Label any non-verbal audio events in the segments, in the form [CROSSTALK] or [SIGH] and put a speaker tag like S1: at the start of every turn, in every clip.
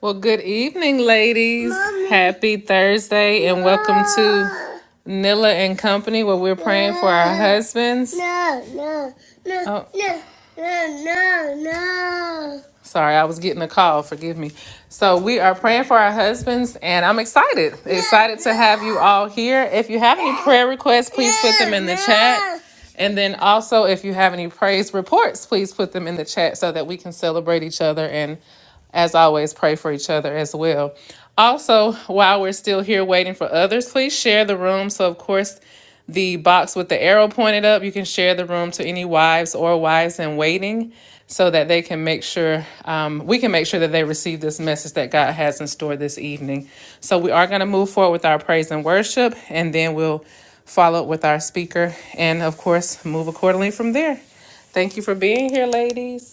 S1: Well, good evening, ladies. Mommy. Happy Thursday, and no. welcome to Nilla and Company, where we're praying no. for our husbands. No, no, no, Oh, no, no, no, no. sorry, I was getting a call. Forgive me. So, we are praying for our husbands, and I'm excited. No, Excited no. to have you all here. If you have any prayer requests, please no, put them in the no. chat. And then also, if you have any praise reports, please put them in the chat so that we can celebrate each other and. As always, pray for each other as well. Also, while we're still here waiting for others, please share the room. So, of course, the box with the arrow pointed up, you can share the room to any wives or wives in waiting so that they can make sure, um, we can make sure that they receive this message that God has in store this evening. So, we are going to move forward with our praise and worship, and then we'll follow up with our speaker and, of course, move accordingly from there. Thank you for being here, ladies.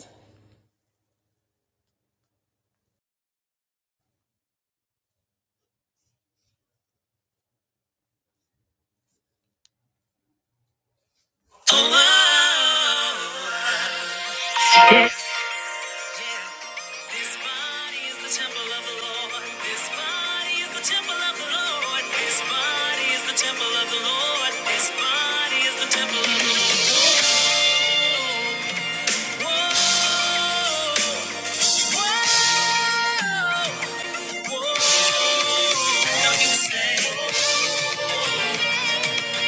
S1: This body is the temple of the Lord. This body is the temple of the Lord. This body is the temple of the Lord. This body is the temple of the Lord. Whoa, whoa, whoa, whoa. Don't you say,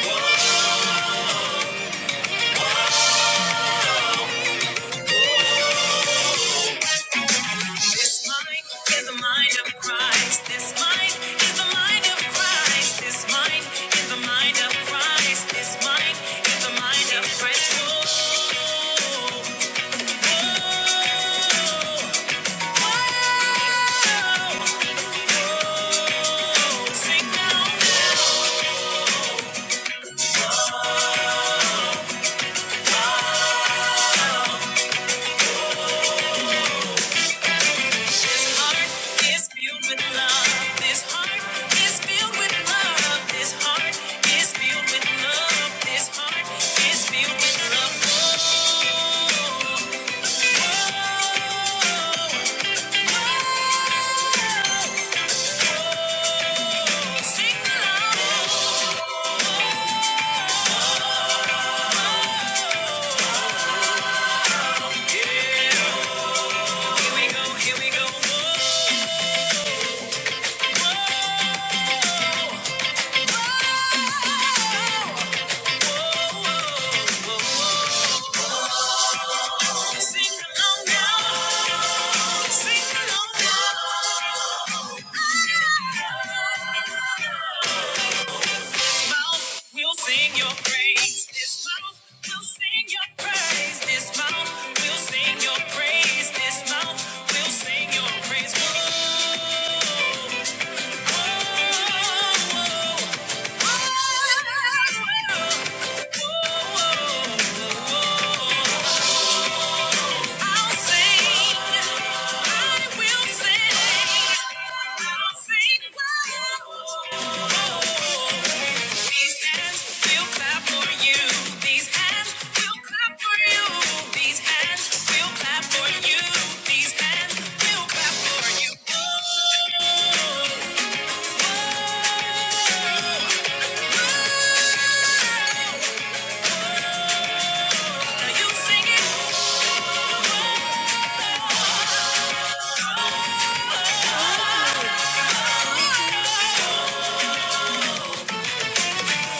S1: whoa. This mind is the mind of Christ. This mind is the mind of Christ. This mind is the mind of Christ. This mind is the mind of Christ. Whoa, whoa, whoa. whoa. Sing now. This heart is filled with love. This heart is filled with love. This heart is filled with love. This heart is filled with love. Sing along. Yeah, here we go, here we go. Whoa, whoa, whoa, Sing along now. Sing along now. Mouth will sing your praise. This mouth will sing your praise. This mouth will sing your praise. This mouth will sing your praise. Whoa, whoa, whoa. These hands will clap for you. Now you sing it.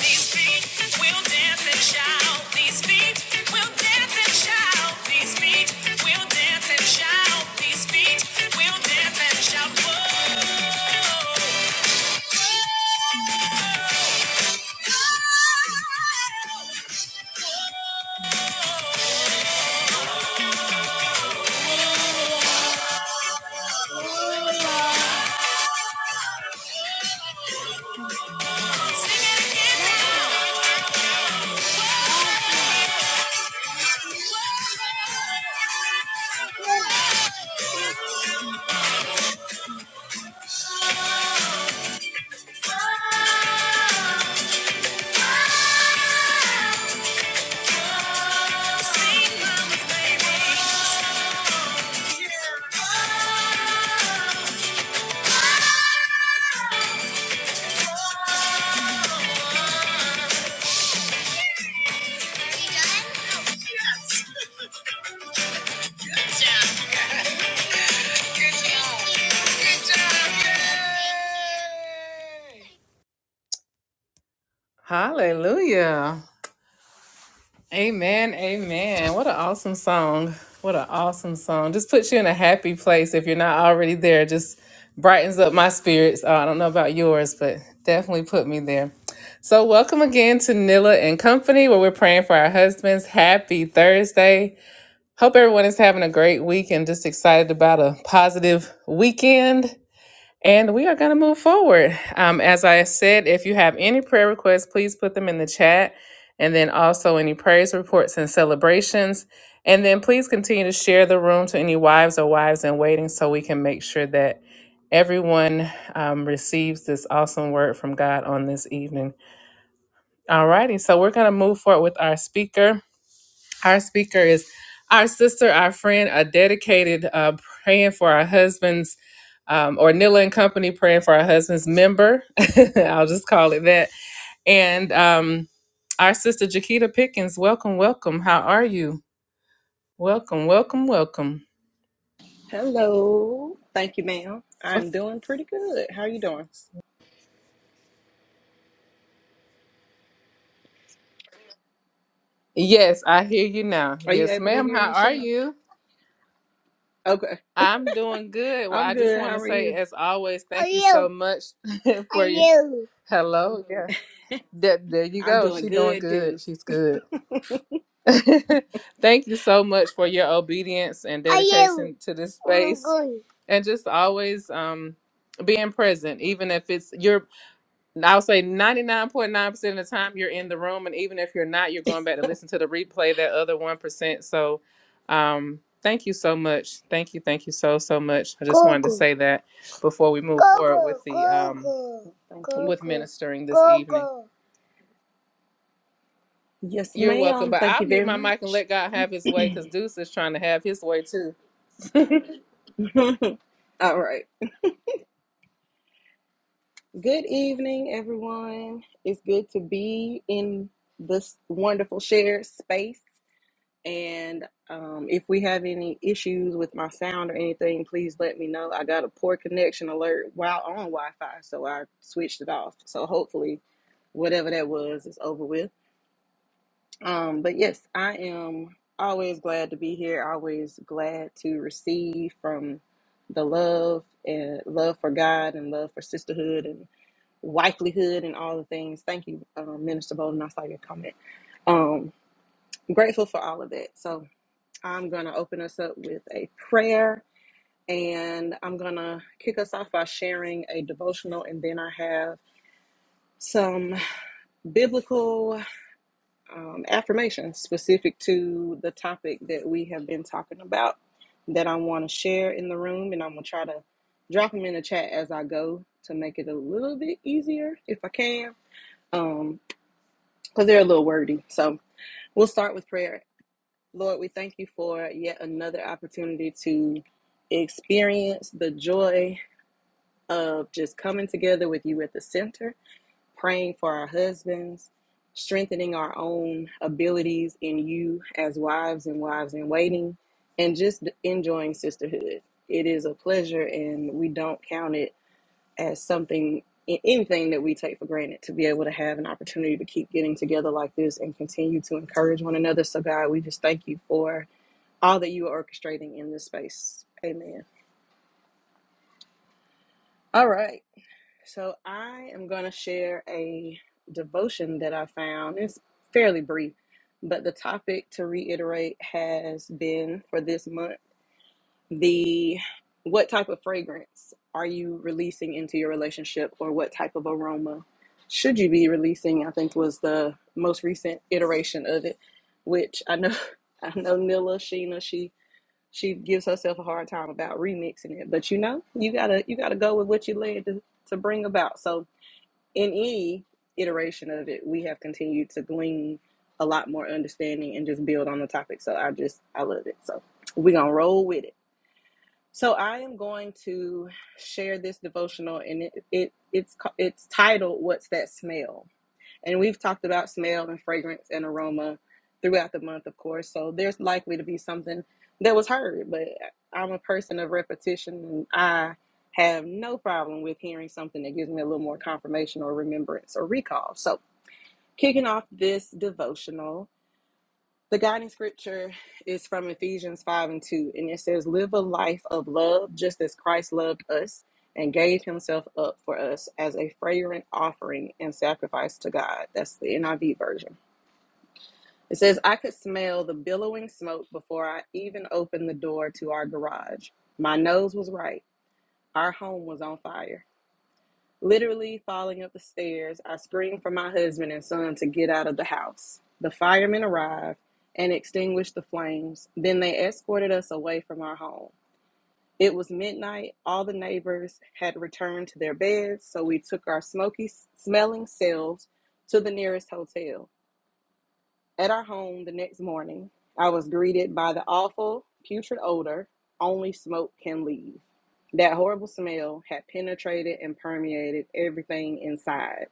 S1: These feet will dance and shout. These feet will dance and shout. These feet will dance and shout. These feet will dance and shout. Sing it again now. Good job. Hallelujah. Amen. Amen. What an awesome song. What an awesome song. Just puts you in a happy place if you're not already there. Just brightens up my spirits. Uh, I don't know about yours, but definitely put me there. So, welcome again to Nilla and Company, where we're praying for our husbands. Happy Thursday. Hope everyone is having a great week and just excited about a positive weekend. And we are going to move forward. Um, as I said, if you have any prayer requests, please put them in the chat. And then also any praise reports and celebrations. And then please continue to share the room to any wives or wives in waiting so we can make sure that everyone um, receives this awesome word from God on this evening. All righty. So we're going to move forward with our speaker. Our speaker is our sister, our friend, a dedicated uh, praying for our husbands, um, or Nilla and Company praying for our husbands member. [LAUGHS] I'll just call it that. And um, our sister Jaquita Pickens, welcome, welcome. How are you? Welcome, welcome, welcome.
S2: Hello. Thank you, ma'am. I'm doing pretty good. How you doing?
S1: Yes, I hear you now.
S2: Are you
S1: Yes,
S2: able to
S1: ma'am.
S2: hear
S1: How
S2: me,
S1: are
S2: Sheena?
S1: you?
S2: Okay.
S1: I'm doing good. Well,
S2: I'm
S1: I just
S2: good.
S1: want
S2: How
S1: to
S2: are
S1: say,
S2: you?
S1: as always, thank Are you, so you? much [LAUGHS] for Are your- you. Hello, yeah. There, there you
S2: I'm
S1: go.
S2: doing
S1: She's doing
S2: good,
S1: good.
S2: Deuce.
S1: She's good. [LAUGHS] Thank you so much for your obedience and dedication to this space, and just always um, being present, even if it's you're. I'll say ninety nine point nine percent of the time you're in the room, and even if you're not, you're going back to listen to the replay. That other one percent. So, um, thank you so much. Thank you, thank you so so much. I just wanted to say that before we move forward with the um,
S2: Thank you.
S1: with ministering this evening.
S2: Yes,
S1: You're welcome,
S2: ma'am.
S1: but
S2: Thank
S1: I'll
S2: you
S1: mute
S2: very
S1: my mic and
S2: much.
S1: let God have his way because Deuce is trying to have his way too. [LAUGHS] oh,
S2: [LAUGHS] All right. Good evening, everyone. It's good to be in this wonderful shared space. And um, if we have any issues with my sound or anything, please let me know. I got a poor connection alert while on Wi Fi, so I switched it off. So hopefully, whatever that was is over with. Um, but yes, I am always glad to be here, always glad to receive from the love and love for God and love for sisterhood and wifelyhood and all the things. Thank you, um, Minister Bolden. I saw your comment. Um, grateful for all of that. So, I'm going to open us up with a prayer and I'm going to kick us off by sharing a devotional and then I have some biblical um, affirmations specific to the topic that we have been talking about that I want to share in the room and I'm going to try to drop them in the chat as I go to make it a little bit easier if I can because um they're a little wordy so we'll start with prayer Lord, we thank you for yet another opportunity to experience the joy of just coming together with you at the center, praying for our husbands, strengthening our own abilities in you as wives and wives in waiting, and just enjoying sisterhood. It is a pleasure, and we don't count it as something. Anything that we take for granted to be able to have an opportunity to keep getting together like this and continue to encourage one another. So, God, we just thank you for all that you are orchestrating in this space. Amen. All right. So I am going to share a devotion that I found. It's fairly brief, but the topic to reiterate has been for this month the what type of fragrance are you releasing into your relationship or what type of aroma should you be releasing? I think was the most recent iteration of it, which I know [LAUGHS] I know Nilla Sheena she She gives herself a hard time about remixing it, but you know, you gotta you gotta go with what you led to, to bring about. So in any iteration of it, we have continued to glean a lot more understanding and just build on the topic. So I just I love it. So we're gonna roll with it. So I am going to share this devotional, and it, it it's it's titled "What's That Smell." And we've talked about smell and fragrance and aroma throughout the month, of course. So there's likely to be something that was heard, but I'm a person of repetition and I have no problem with hearing something that gives me a little more confirmation or remembrance or recall. So, kicking off this devotional, the guiding scripture is from Ephesians 5 and 2, and it says, Live a life of love just as Christ loved us and gave himself up for us as a fragrant offering and sacrifice to God. That's the NIV version. It says, I could smell the billowing smoke before I even opened the door to our garage. My nose was right. Our home was on fire. Literally falling up the stairs, I screamed for my husband and son to get out of the house. The firemen arrived and extinguished the flames. Then they escorted us away from our home. It was midnight. All the neighbors had returned to their beds, so we took our smoky smelling selves to the nearest hotel. At our home the next morning, I was greeted by the awful, putrid odor only smoke can leave. That horrible smell had penetrated and permeated everything inside.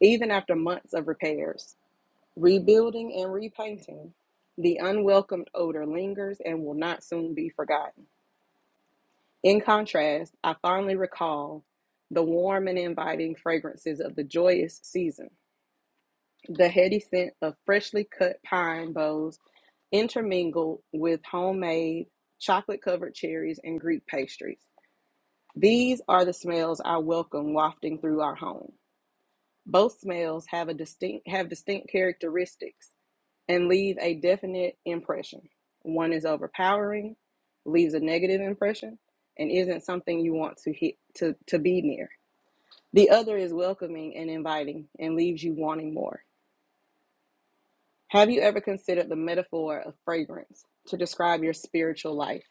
S2: Even after months of repairs, rebuilding, and repainting, the unwelcomed odor lingers and will not soon be forgotten. In contrast, I fondly recall the warm and inviting fragrances of the joyous season, the heady scent of freshly cut pine boughs intermingled with homemade chocolate covered cherries and Greek pastries. These are the smells I welcome wafting through our home. Both smells have a distinct have distinct characteristics and leave a definite impression. One is overpowering, leaves a negative impression, and isn't something you want to hit to, to be near. The other is welcoming and inviting and leaves you wanting more. Have you ever considered the metaphor of fragrance to describe your spiritual life?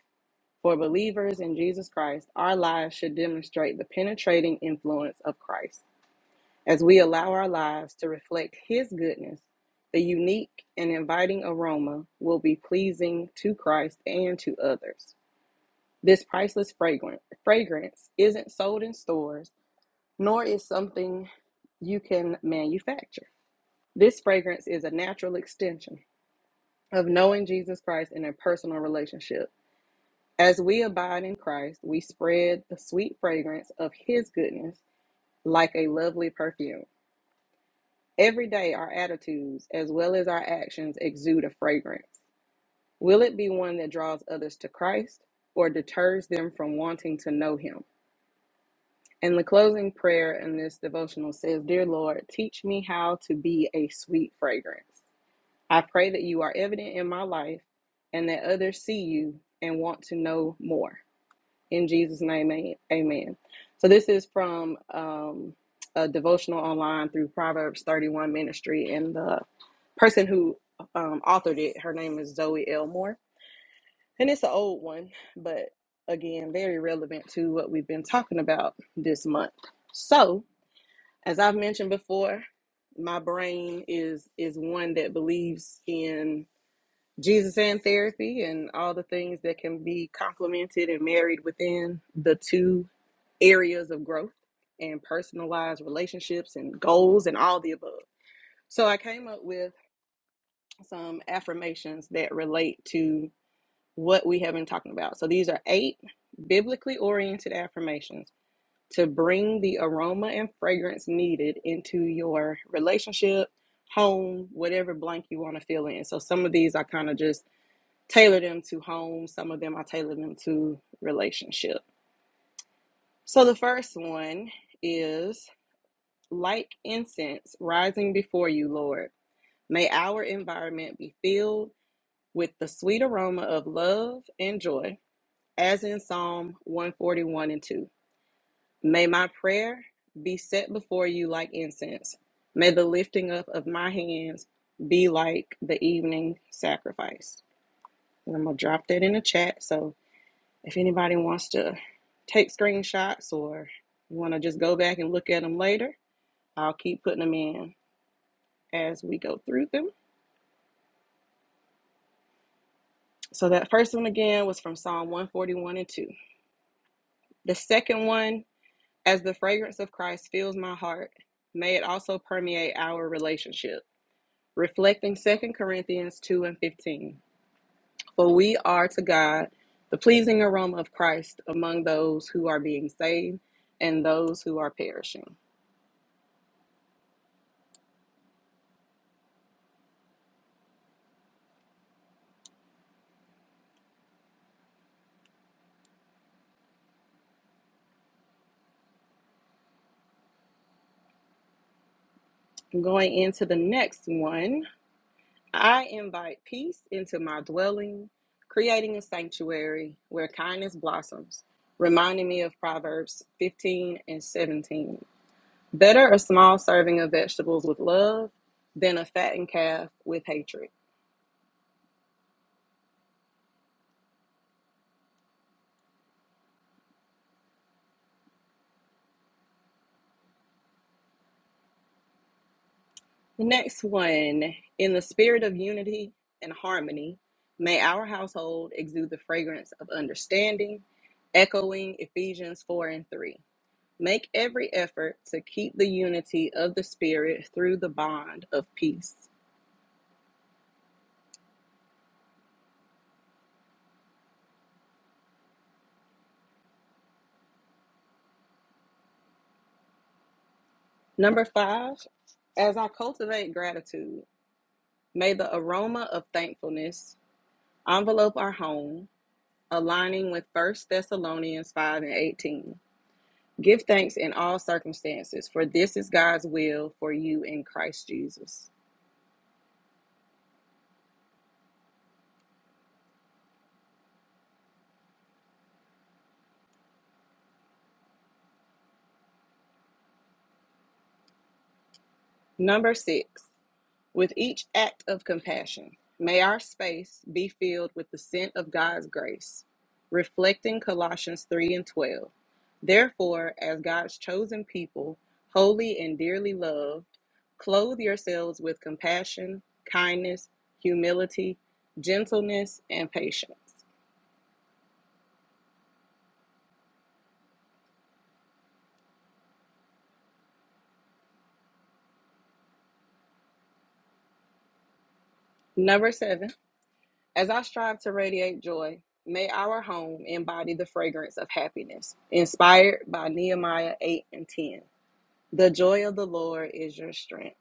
S2: For believers in Jesus Christ, our lives should demonstrate the penetrating influence of Christ. As we allow our lives to reflect His goodness, the unique and inviting aroma will be pleasing to Christ and to others. This priceless fragrance isn't sold in stores, nor is something you can manufacture. This fragrance is a natural extension of knowing Jesus Christ in a personal relationship. As we abide in Christ, we spread the sweet fragrance of His goodness like a lovely perfume. Every day, our attitudes, as well as our actions, exude a fragrance. Will it be one that draws others to Christ or deters them from wanting to know Him? And the closing prayer in this devotional says, Dear Lord, teach me how to be a sweet fragrance. I pray that you are evident in my life and that others see you and want to know more. In Jesus' name, amen. So, this is from um, a devotional online through Proverbs 31 Ministry and the person who um, authored it. Her name is Zoe Elmore, and it's an old one, but again, very relevant to what we've been talking about this month. So, as I've mentioned before, my brain is is one that believes in Jesus and therapy and all the things that can be complemented and married within the two areas of growth and personalized relationships and goals and all the above. So I came up with some affirmations that relate to what we have been talking about. So these are eight biblically oriented affirmations to bring the aroma and fragrance needed into your relationship, home, whatever blank you want to fill in. So some of these I kind of just tailor them to home, some of them I tailor them to relationship. So the first one is like incense rising before you, Lord. May our environment be filled with the sweet aroma of love and joy, as in Psalm 141 and 2. May my prayer be set before you like incense. May the lifting up of my hands be like the evening sacrifice. And I'm going to drop that in the chat. So if anybody wants to take screenshots or you want to just go back and look at them later, I'll keep putting them in as we go through them. So that first one again was from Psalm 141 and 2. The second one As the fragrance of Christ fills my heart, may it also permeate our relationship, reflecting Second Corinthians 2 and 15. For we are to God the pleasing aroma of Christ among those who are being saved and those who are perishing. Going into the next one, I invite peace into my dwelling, creating a sanctuary where kindness blossoms, reminding me of Proverbs 15 and 17. Better a small serving of vegetables with love than a fattened calf with hatred. The next one, in the spirit of unity and harmony, may our household exude the fragrance of understanding, echoing Ephesians 4 and 3. Make every effort to keep the unity of the Spirit through the bond of peace. Number five, as I cultivate gratitude, may the aroma of thankfulness envelope our home, aligning with First Thessalonians 5 and 18. Give thanks in all circumstances, for this is God's will for you in Christ Jesus. Number six, With each act of compassion, may our space be filled with the scent of God's grace, reflecting Colossians 3 and 12. Therefore, as God's chosen people, holy and dearly loved, clothe yourselves with compassion, kindness, humility, gentleness, and patience. Number seven, as I strive to radiate joy, may our home embody the fragrance of happiness, inspired by Nehemiah 8 and 10. The joy of the Lord is your strength.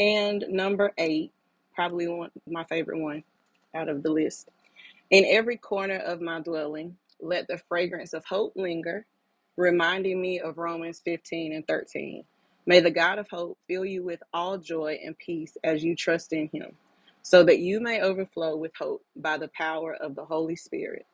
S2: And number eight, probably one my favorite one out of the list. In every corner of my dwelling, let the fragrance of hope linger, reminding me of Romans 15 and 13. May the God of hope fill you with all joy and peace as you trust in him, so that you may overflow with hope by the power of the Holy Spirit.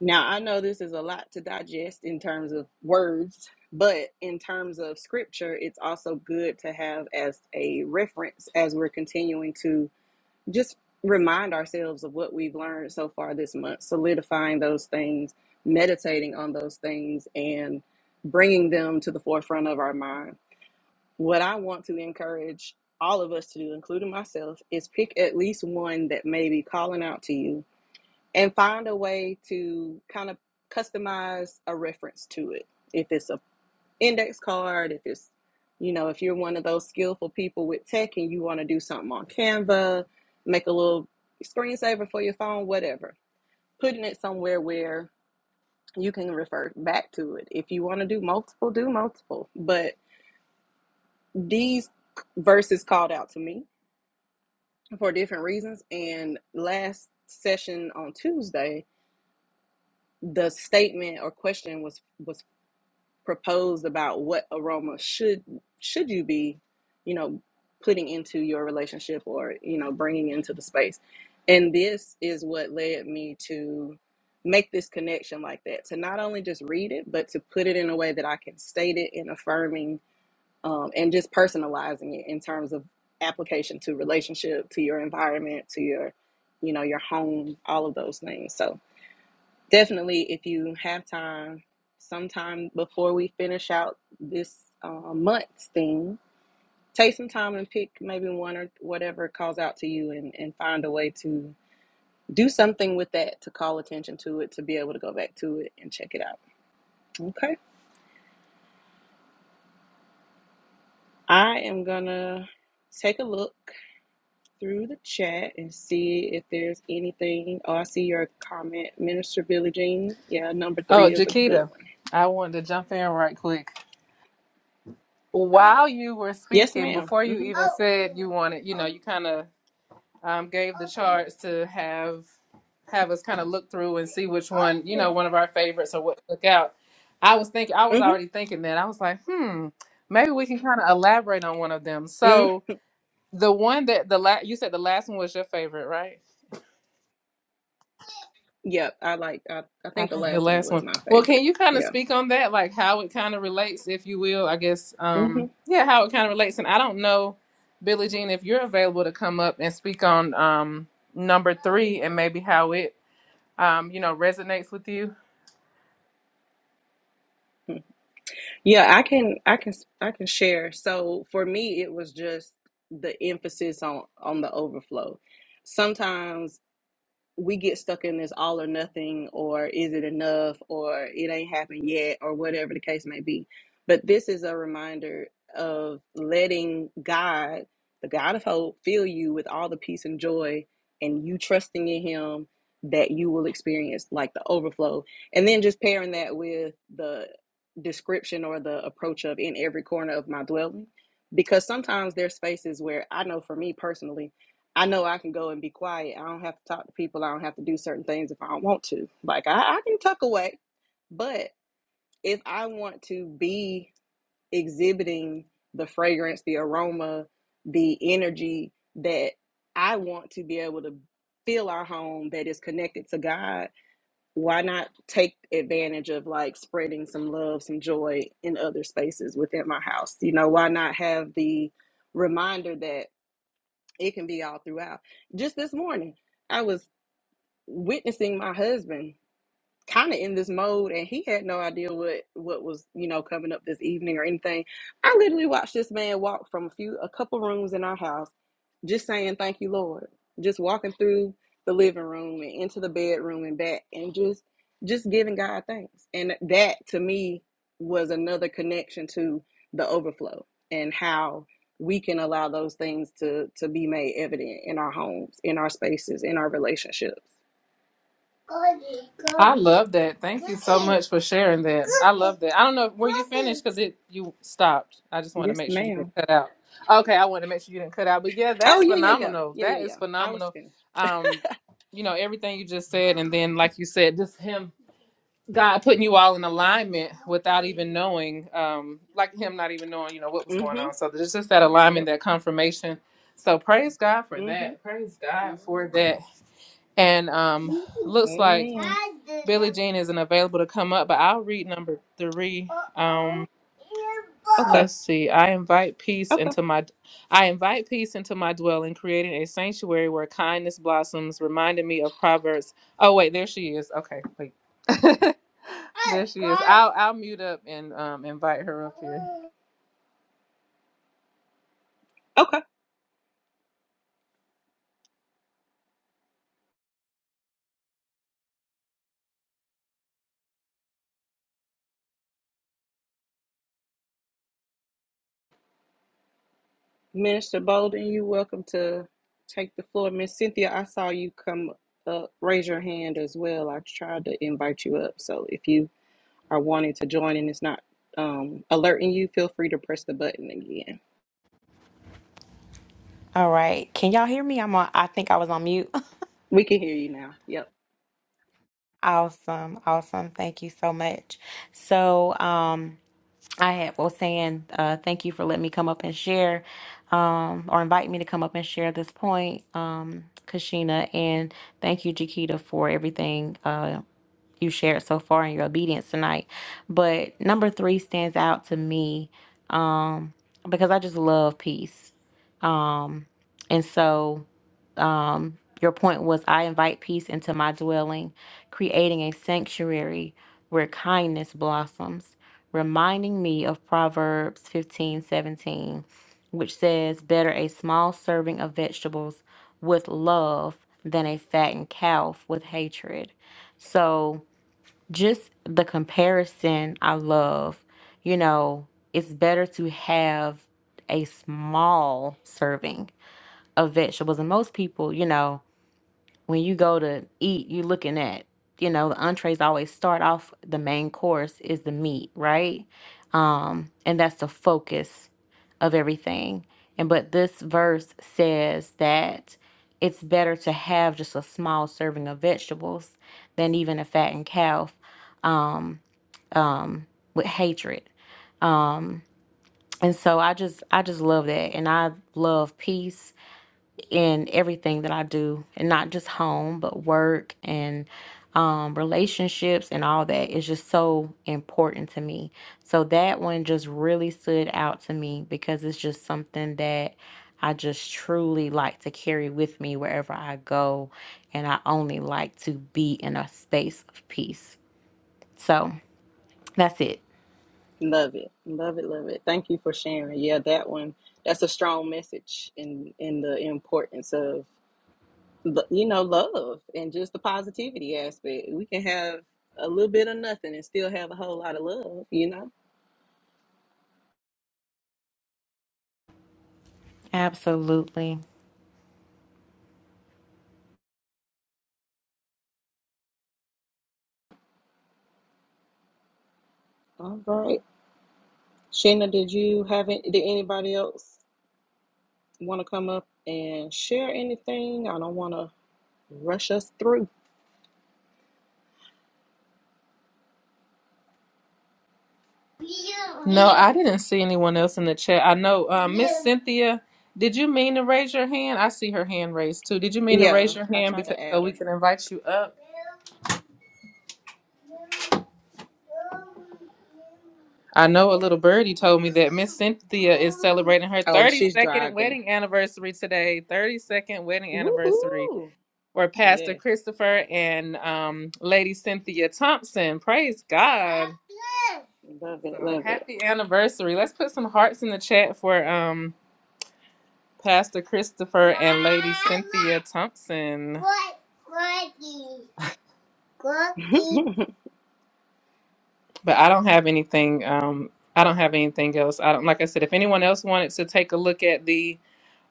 S2: Now, I know this is a lot to digest in terms of words, but in terms of scripture, it's also good to have as a reference as we're continuing to just remind ourselves of what we've learned so far this month, solidifying those things, meditating on those things, and bringing them to the forefront of our mind. What I want to encourage all of us to do, including myself, is pick at least one that may be calling out to you and find a way to kind of customize a reference to it. If it's a index card, if it's you know, if you're one of those skillful people with tech and you want to do something on Canva, make a little screensaver for your phone, whatever. Putting it somewhere where you can refer back to it. If you want to do multiple, do multiple. But these verses called out to me for different reasons. And last session on Tuesday, the statement or question was was proposed about what aroma should should you be you know putting into your relationship or you know bringing into the space and this is what led me to make this connection like that to not only just read it but to put it in a way that i can state it and affirming um, and just personalizing it in terms of application to relationship to your environment to your you know your home all of those things so Definitely, if you have time, sometime before we finish out this uh, month's thing, take some time and pick maybe one or whatever calls out to you and, and find a way to do something with that to call attention to it, to be able to go back to it and check it out. Okay. I am going to take a look through the chat and see if there's anything. Oh, I see your comment, Minister Billie Jean. Yeah, number three is a good
S1: Jaquita,
S2: one.
S1: I wanted to jump in right quick. While you were
S2: Yes,
S1: speaking,
S2: madam
S1: before you
S2: Mm-hmm.
S1: even Oh. said you wanted, you know, you kind of um, gave the charts to have have us kind of look through and see which one, you know, one of our favorites or what stuck out. I was thinking, I was
S2: Mm-hmm.
S1: already thinking that. I was like, hmm, maybe we can kind of elaborate on one of them.
S2: Mm-hmm.
S1: So the one that the last, you said the last one was your favorite, right?
S2: Yep, I like. I, I
S1: I
S2: think the
S1: think the
S2: last one
S1: last
S2: was
S1: one.
S2: my
S1: Well, can
S2: favorite.
S1: you kind of
S2: Yeah.
S1: speak on that, like how it kind of relates, if you will? I guess, um,
S2: hmm
S1: yeah, how it kind of relates. And I don't know, Billie Jean, if you're available to come up and speak on um, number three and maybe how it, um, you know, resonates with you.
S2: Yeah, I can. I can. I can share. So for me, it was just the emphasis on on the overflow. Sometimes we get stuck in this all or nothing or is it enough or it ain't happened yet or whatever the case may be. But this is a reminder of letting God, the God of hope, fill you with all the peace and joy and you trusting in him that you will experience like the overflow. And then just pairing that with the description or the approach of in every corner of my dwelling because sometimes there's spaces where I know for me personally I know I can go and be quiet. I don't have to talk to people. I don't have to do certain things if I don't want to. Like I, I can tuck away, but if I want to be exhibiting the fragrance, the aroma, the energy that I want to be able to feel our home that is connected to God, why not take advantage of like spreading some love, some joy in other spaces within my house? You know, why not have the reminder that it can be all throughout. Just this morning, I was witnessing my husband kind of in this mode and he had no idea what what was you know coming up this evening or anything i literally watched this man walk from a few a couple rooms in our house just saying thank you lord just walking through the living room and into the bedroom and back and just just giving god thanks and that to me was another connection to the overflow and how we can allow those things to to be made evident in our homes in our spaces in our relationships
S1: I love that. Thank you so much for sharing that. I love that. I don't know were you finished because it you stopped. I just want to
S2: yes
S1: make sure you didn't
S2: ma'am
S1: cut out. Okay, I want to make sure you didn't cut out. But yeah,
S2: Oh
S1: that's
S2: yeah, yeah, yeah,
S1: phenomenal.
S2: yeah, yeah,
S1: That is
S2: yeah. I was
S1: phenomenal.
S2: finished.
S1: Um, you know everything you just said, and then like you said, just him, God putting you all in alignment without even knowing, um, like him not even knowing, you know what was going
S2: Mm-hmm.
S1: on. So there's just that alignment,
S2: Yep.
S1: that confirmation. So praise God for
S2: Mm-hmm.
S1: that. Praise God for that. And um, looks like
S2: Amen.
S1: Billie Jean isn't available to come up, but I'll read number three. Um,
S2: Okay.
S1: let's see. I invite peace
S2: Okay.
S1: into my, I invite peace into my dwelling, creating a sanctuary where kindness blossoms. Reminding me of Proverbs. Oh wait, there she is. Okay, wait. [LAUGHS] there she is. I'll I'll mute up and um invite her up here.
S2: Okay. Minister Bolden, you welcome to take the floor. Miss Cynthia, I saw you come up. Raise your hand as well. I tried to invite you up. So if you are wanting to join and it's not um, alerting you, feel free to press the button again.
S3: All right. Can y'all hear me? I'm on, I think I was on mute. [LAUGHS]
S2: We can hear you now. Yep.
S3: Awesome. Awesome. Thank you so much. So, um, I had, was saying, uh, thank you for letting me come up and share, um, or invite me to come up and share this point, um, Kashina, and thank you, Jakita, for everything, uh, you shared so far in your obedience tonight. But number three stands out to me um, because I just love peace. Um, and so um, your point was I invite peace into my dwelling, creating a sanctuary where kindness blossoms, reminding me of Proverbs fifteen seventeen, which says, Better a small serving of vegetables with love than a fattened calf with hatred. So, just the comparison I love. You know, it's better to have a small serving of vegetables. And most people, you know, when you go to eat, you're looking at, you know, the entrees always start off the main course is the meat, right? Um, and that's the focus of everything. And but this verse says that it's better to have just a small serving of vegetables than even a fattened calf Um, um, with hatred. And so I just I just love that and I love peace in everything that I do and not just home but work and um, relationships and all that is just so important to me. So that one just really stood out to me because it's just something that I just truly like to carry with me wherever I go and I only like to be in a space of peace. So that's it.
S2: Love it. Love it. Love it. Thank you for sharing. Yeah, that one. That's a strong message in in the importance of lo- you know, love and just the positivity aspect. We can have a little bit of nothing and still have a whole lot of love, you know?
S3: Absolutely.
S2: All right. Shana, did you have it? Did anybody else want to come up and share anything? I don't want to rush us through.
S1: No, I didn't see anyone else in the chat. I know uh, Miss Cynthia. Did you mean to raise your hand? I see her hand raised too. Did you mean to raise
S2: Yeah,
S1: your
S2: I
S1: hand
S2: tried
S1: because
S2: to
S1: so
S2: add
S1: we
S2: her.
S1: can invite you up? I know a little birdie told me that Miss Cynthia is celebrating her
S2: Oh, she's
S1: 32nd
S2: driving.
S1: wedding anniversary today. 32nd wedding anniversary
S2: Woohoo!
S1: for Pastor
S2: Yes,
S1: Christopher and um, Lady Cynthia Thompson. Praise God.
S2: love it,
S1: So
S2: love
S1: happy anniversary. Let's put some hearts in the chat for um Pastor Christopher and Lady Cynthia Thompson.
S2: it. [LAUGHS]
S1: But I don't have anything um I don't have anything else. I don't like I said if anyone else wanted to take a look at the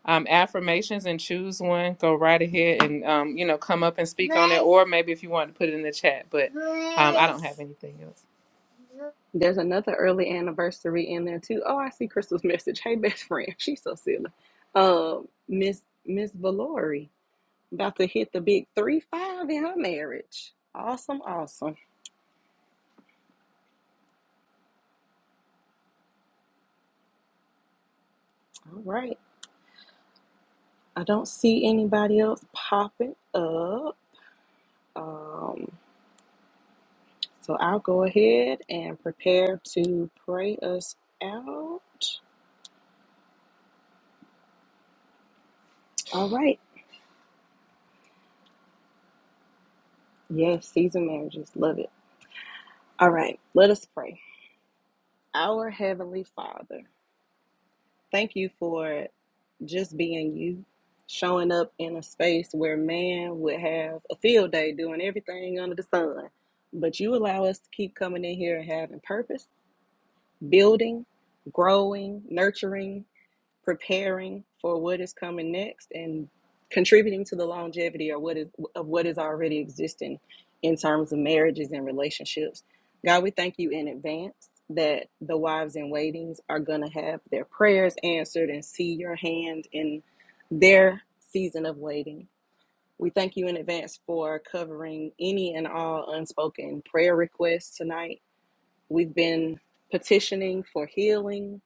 S1: um affirmations and choose one, go right ahead and um you know come up and speak on it or maybe if you wanted to put it in the chat, but um I don't have anything else.
S2: There's another early anniversary in there too. Oh, I see Crystal's [LAUGHS] message. Hey, best friend. She's so silly. Uh, Miss Miss Valori about to hit the big three five in her marriage. Awesome, awesome. All right. I don't see anybody else popping up. Um, so I'll go ahead and prepare to pray us out. All right. Yes, season marriages. Love it. All right. Let us pray. Our Heavenly Father. Thank you for just being you, showing up in a space where man would have a field day doing everything under the sun. But you allow us to keep coming in here and having purpose, building, growing, nurturing preparing for what is coming next and contributing to the longevity or what is of what is already existing in terms of marriages and relationships. God, we thank you in advance that the wives in waitings are going to have their prayers answered and see your hand in their season of waiting. We thank you in advance for covering any and all unspoken prayer requests tonight We've been petitioning for healing.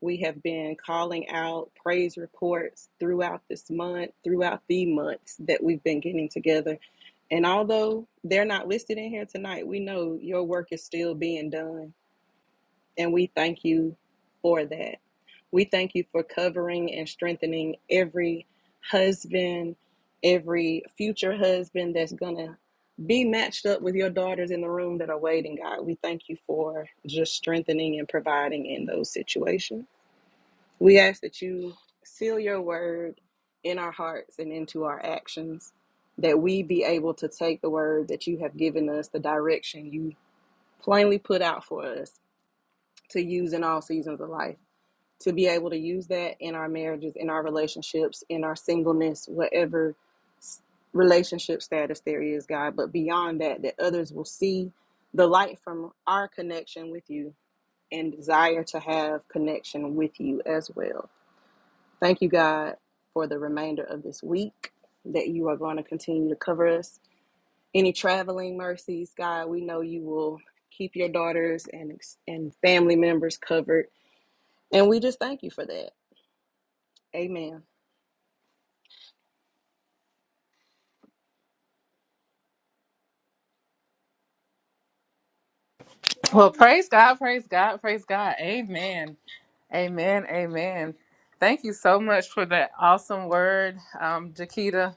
S2: We have been calling out praise reports throughout this month, throughout the months that we've been getting together. And although they're not listed in here tonight, we know your work is still being done. And we thank you for that. We thank you for covering and strengthening every husband, every future husband that's going to be matched up with your daughters in the room that are waiting, God. We thank you for just strengthening and providing in those situations. We ask that you seal your word in our hearts and into our actions, that we be able to take the word that you have given us, the direction you plainly put out for us to use in all seasons of life to be able to use that in our marriages in our relationships in our singleness whatever relationship status there is god but beyond that that others will see the light from our connection with you and desire to have connection with you as well thank you god for the remainder of this week that you are going to continue to cover us any traveling mercies god we know you will keep your daughters and and family members covered and we just thank you for that. Amen.
S1: Well, praise God, praise God, praise God. Amen. Amen. Amen. Thank you so much for that awesome word, um, Jakita.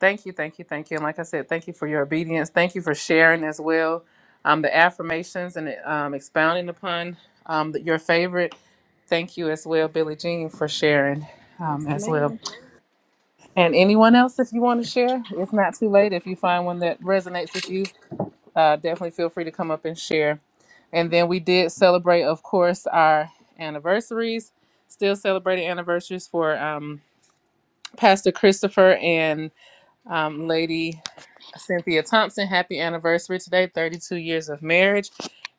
S1: Thank you, thank you, thank you. And like I said, thank you for your obedience. Thank you for sharing as well um, the affirmations and um, expounding upon um, your favorite. Thank you as well, Billie Jean, for sharing um,
S2: Yes,
S1: as well.
S2: ma'am.
S1: And anyone else, if you want to share, it's not too late. If you find one that resonates with you, uh, definitely feel free to come up and share. And then we did celebrate, of course, our anniversaries. Still celebrating anniversaries for um, Pastor Christopher and um, Lady Cynthia Thompson. Happy anniversary today, 32 years of marriage.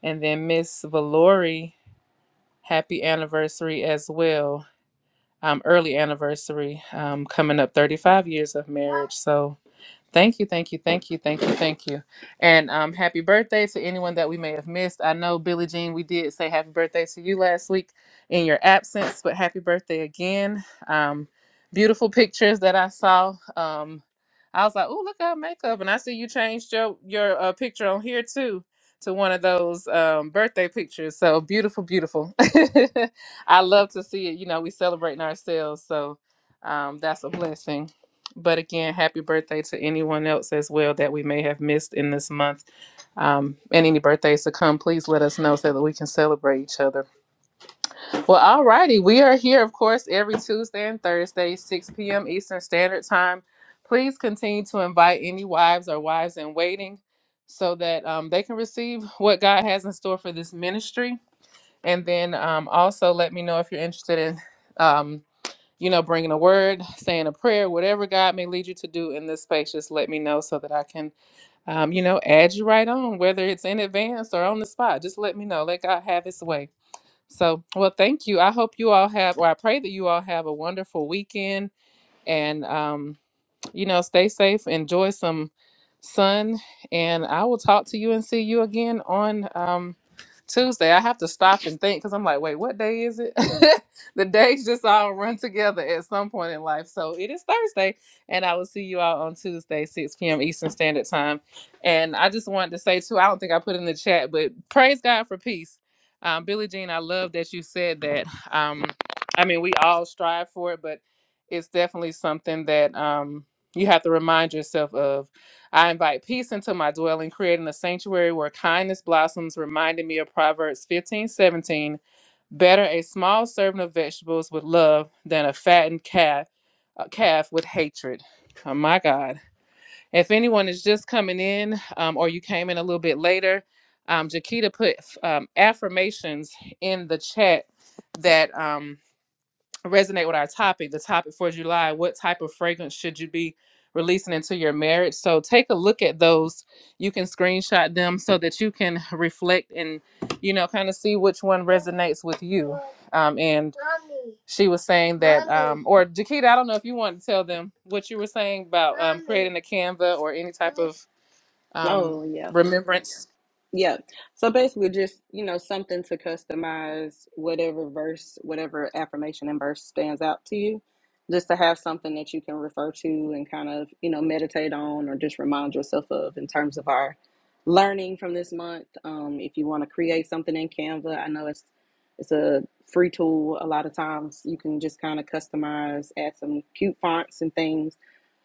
S1: And then Miss Valori, happy anniversary as well. Um, early anniversary um, coming up 35 years of marriage. So, Thank you, thank you, thank you, thank you, thank you. And um, happy birthday to anyone that we may have missed. I know, Billie Jean, we did say happy birthday to you last week in your absence, but happy birthday again. Um, beautiful pictures that I saw. Um, I was like, oh, look at her makeup. And I see you changed your, your uh, picture on here too to one of those um, birthday pictures. So beautiful, beautiful. [LAUGHS] I love to see it. You know, we celebrating ourselves. So um, that's a blessing. But again, happy birthday to anyone else as well that we may have missed in this month. Um, and any birthdays to come, please let us know so that we can celebrate each other. Well, alrighty, we are here, of course, every Tuesday and Thursday, 6 p.m. Eastern Standard Time. Please continue to invite any wives or wives in waiting so that um, they can receive what God has in store for this ministry. And then um, also let me know if you're interested in. Um, you know, bringing a word, saying a prayer, whatever God may lead you to do in this space, just let me know so that I can, um, you know, add you right on, whether it's in advance or on the spot. Just let me know. Let God have His way. So, well, thank you. I hope you all have, or I pray that you all have a wonderful weekend. And, um, you know, stay safe, enjoy some sun, and I will talk to you and see you again on um, Tuesday. I have to stop and think because I'm like, wait, what day is it? [LAUGHS] the days just all run together at some point in life. So it is Thursday, and I will see you all on Tuesday, 6 p.m. Eastern Standard Time. And I just wanted to say, too, I don't think I put in the chat, but praise God for peace. Um, Billie Jean, I love that you said that. Um, I mean, we all strive for it, but it's definitely something that. Um, you have to remind yourself of I invite peace into my dwelling, creating a sanctuary where kindness blossoms, reminding me of Proverbs fifteen seventeen. Better a small serving of vegetables with love than a fattened calf, a calf with hatred. Oh my God. If anyone is just coming in um, or you came in a little bit later, um, Jakita put um, affirmations in the chat that. um, resonate with our topic, the topic for July, what type of fragrance should you be releasing into your marriage? So take a look at those. You can screenshot them so that you can [LAUGHS] reflect and, you know, kind of see which one resonates with you. Um, and she was saying that, um, or Jakita, I don't know if you want to tell them what you were saying about um, creating a Canva or any type of um,
S2: Oh, yeah.
S1: remembrance.
S2: Yeah. So basically, just, you know, something to customize whatever verse, whatever affirmation and verse stands out to you, just to have something that you can refer to and kind of, you know, meditate on or just remind yourself of in terms of our learning from this month. Um, if you want to create something in Canva, I know it's it's a free tool a lot of times you can just kind of customize add some cute fonts and things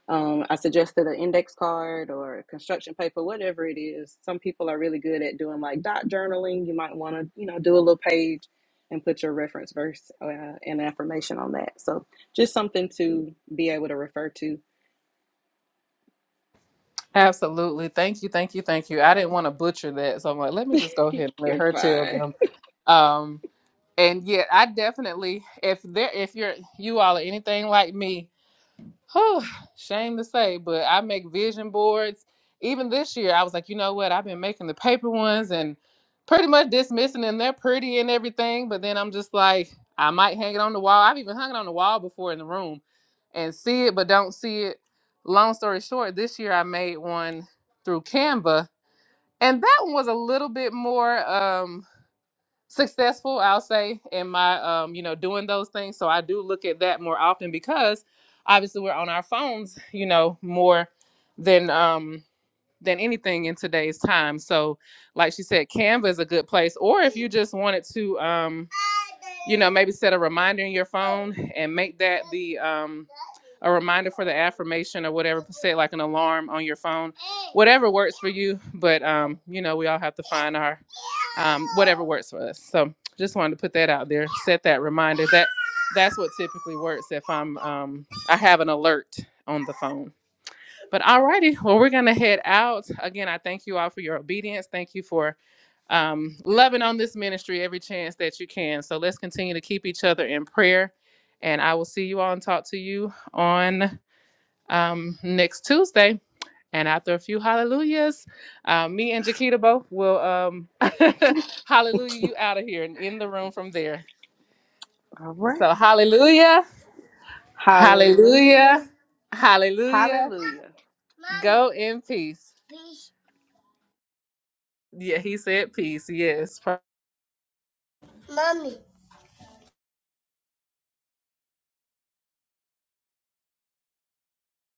S2: Um, I suggested an index card or construction paper, whatever it is. Some people are really good at doing like dot journaling. You might want to, you know, do a little page and put your reference verse uh, and affirmation on that. So just something to be able to refer to.
S1: Absolutely. Thank you. Thank you. Thank you. I didn't want to butcher that. So I'm like, let me just go ahead
S2: [LAUGHS]
S1: and let
S2: You're
S1: her tell
S2: fine.
S1: them. Um, and yet I definitely if there if you're you all are anything like me, whew, shame to say, but I make vision boards. Even this year, I was like, you know what? I've been making the paper ones and pretty much dismissing them. They're pretty and everything, but then I'm just like, I might hang it on the wall. I've even hung it on the wall before in the room and see it, but don't see it. Long story short, this year I made one through Canva, and that one was a little bit more. um successful i'll say in my um you know doing those things so i do look at that more often because obviously we're on our phones you know more than um than anything in today's time. So, like she said, Canva is a good place. Or if you just wanted to, um, you know, maybe set a reminder in your phone and make that the um, a reminder for the affirmation or whatever. Set like an alarm on your phone, whatever works for you. But um, you know, we all have to find our um, whatever works for us. So, just wanted to put that out there. Set that reminder. That that's what typically works if I'm um, I have an alert on the phone. But alrighty, well, we're gonna head out. Again, I thank you all for your obedience. Thank you for um, loving on this ministry every chance that you can. So let's continue to keep each other in prayer. And I will see you all and talk to you on um, next Tuesday. And after a few hallelujah,s uh, me and Jaquita both will um, [LAUGHS] hallelujah you out of here and in the room from there.
S2: All
S1: So
S2: right.
S1: hallelujah,
S2: Hallelujah.
S1: hallelujah, hallelujah.
S2: Hallelujah.
S1: Go in peace. Yeah, he said peace. Yes. Mommy.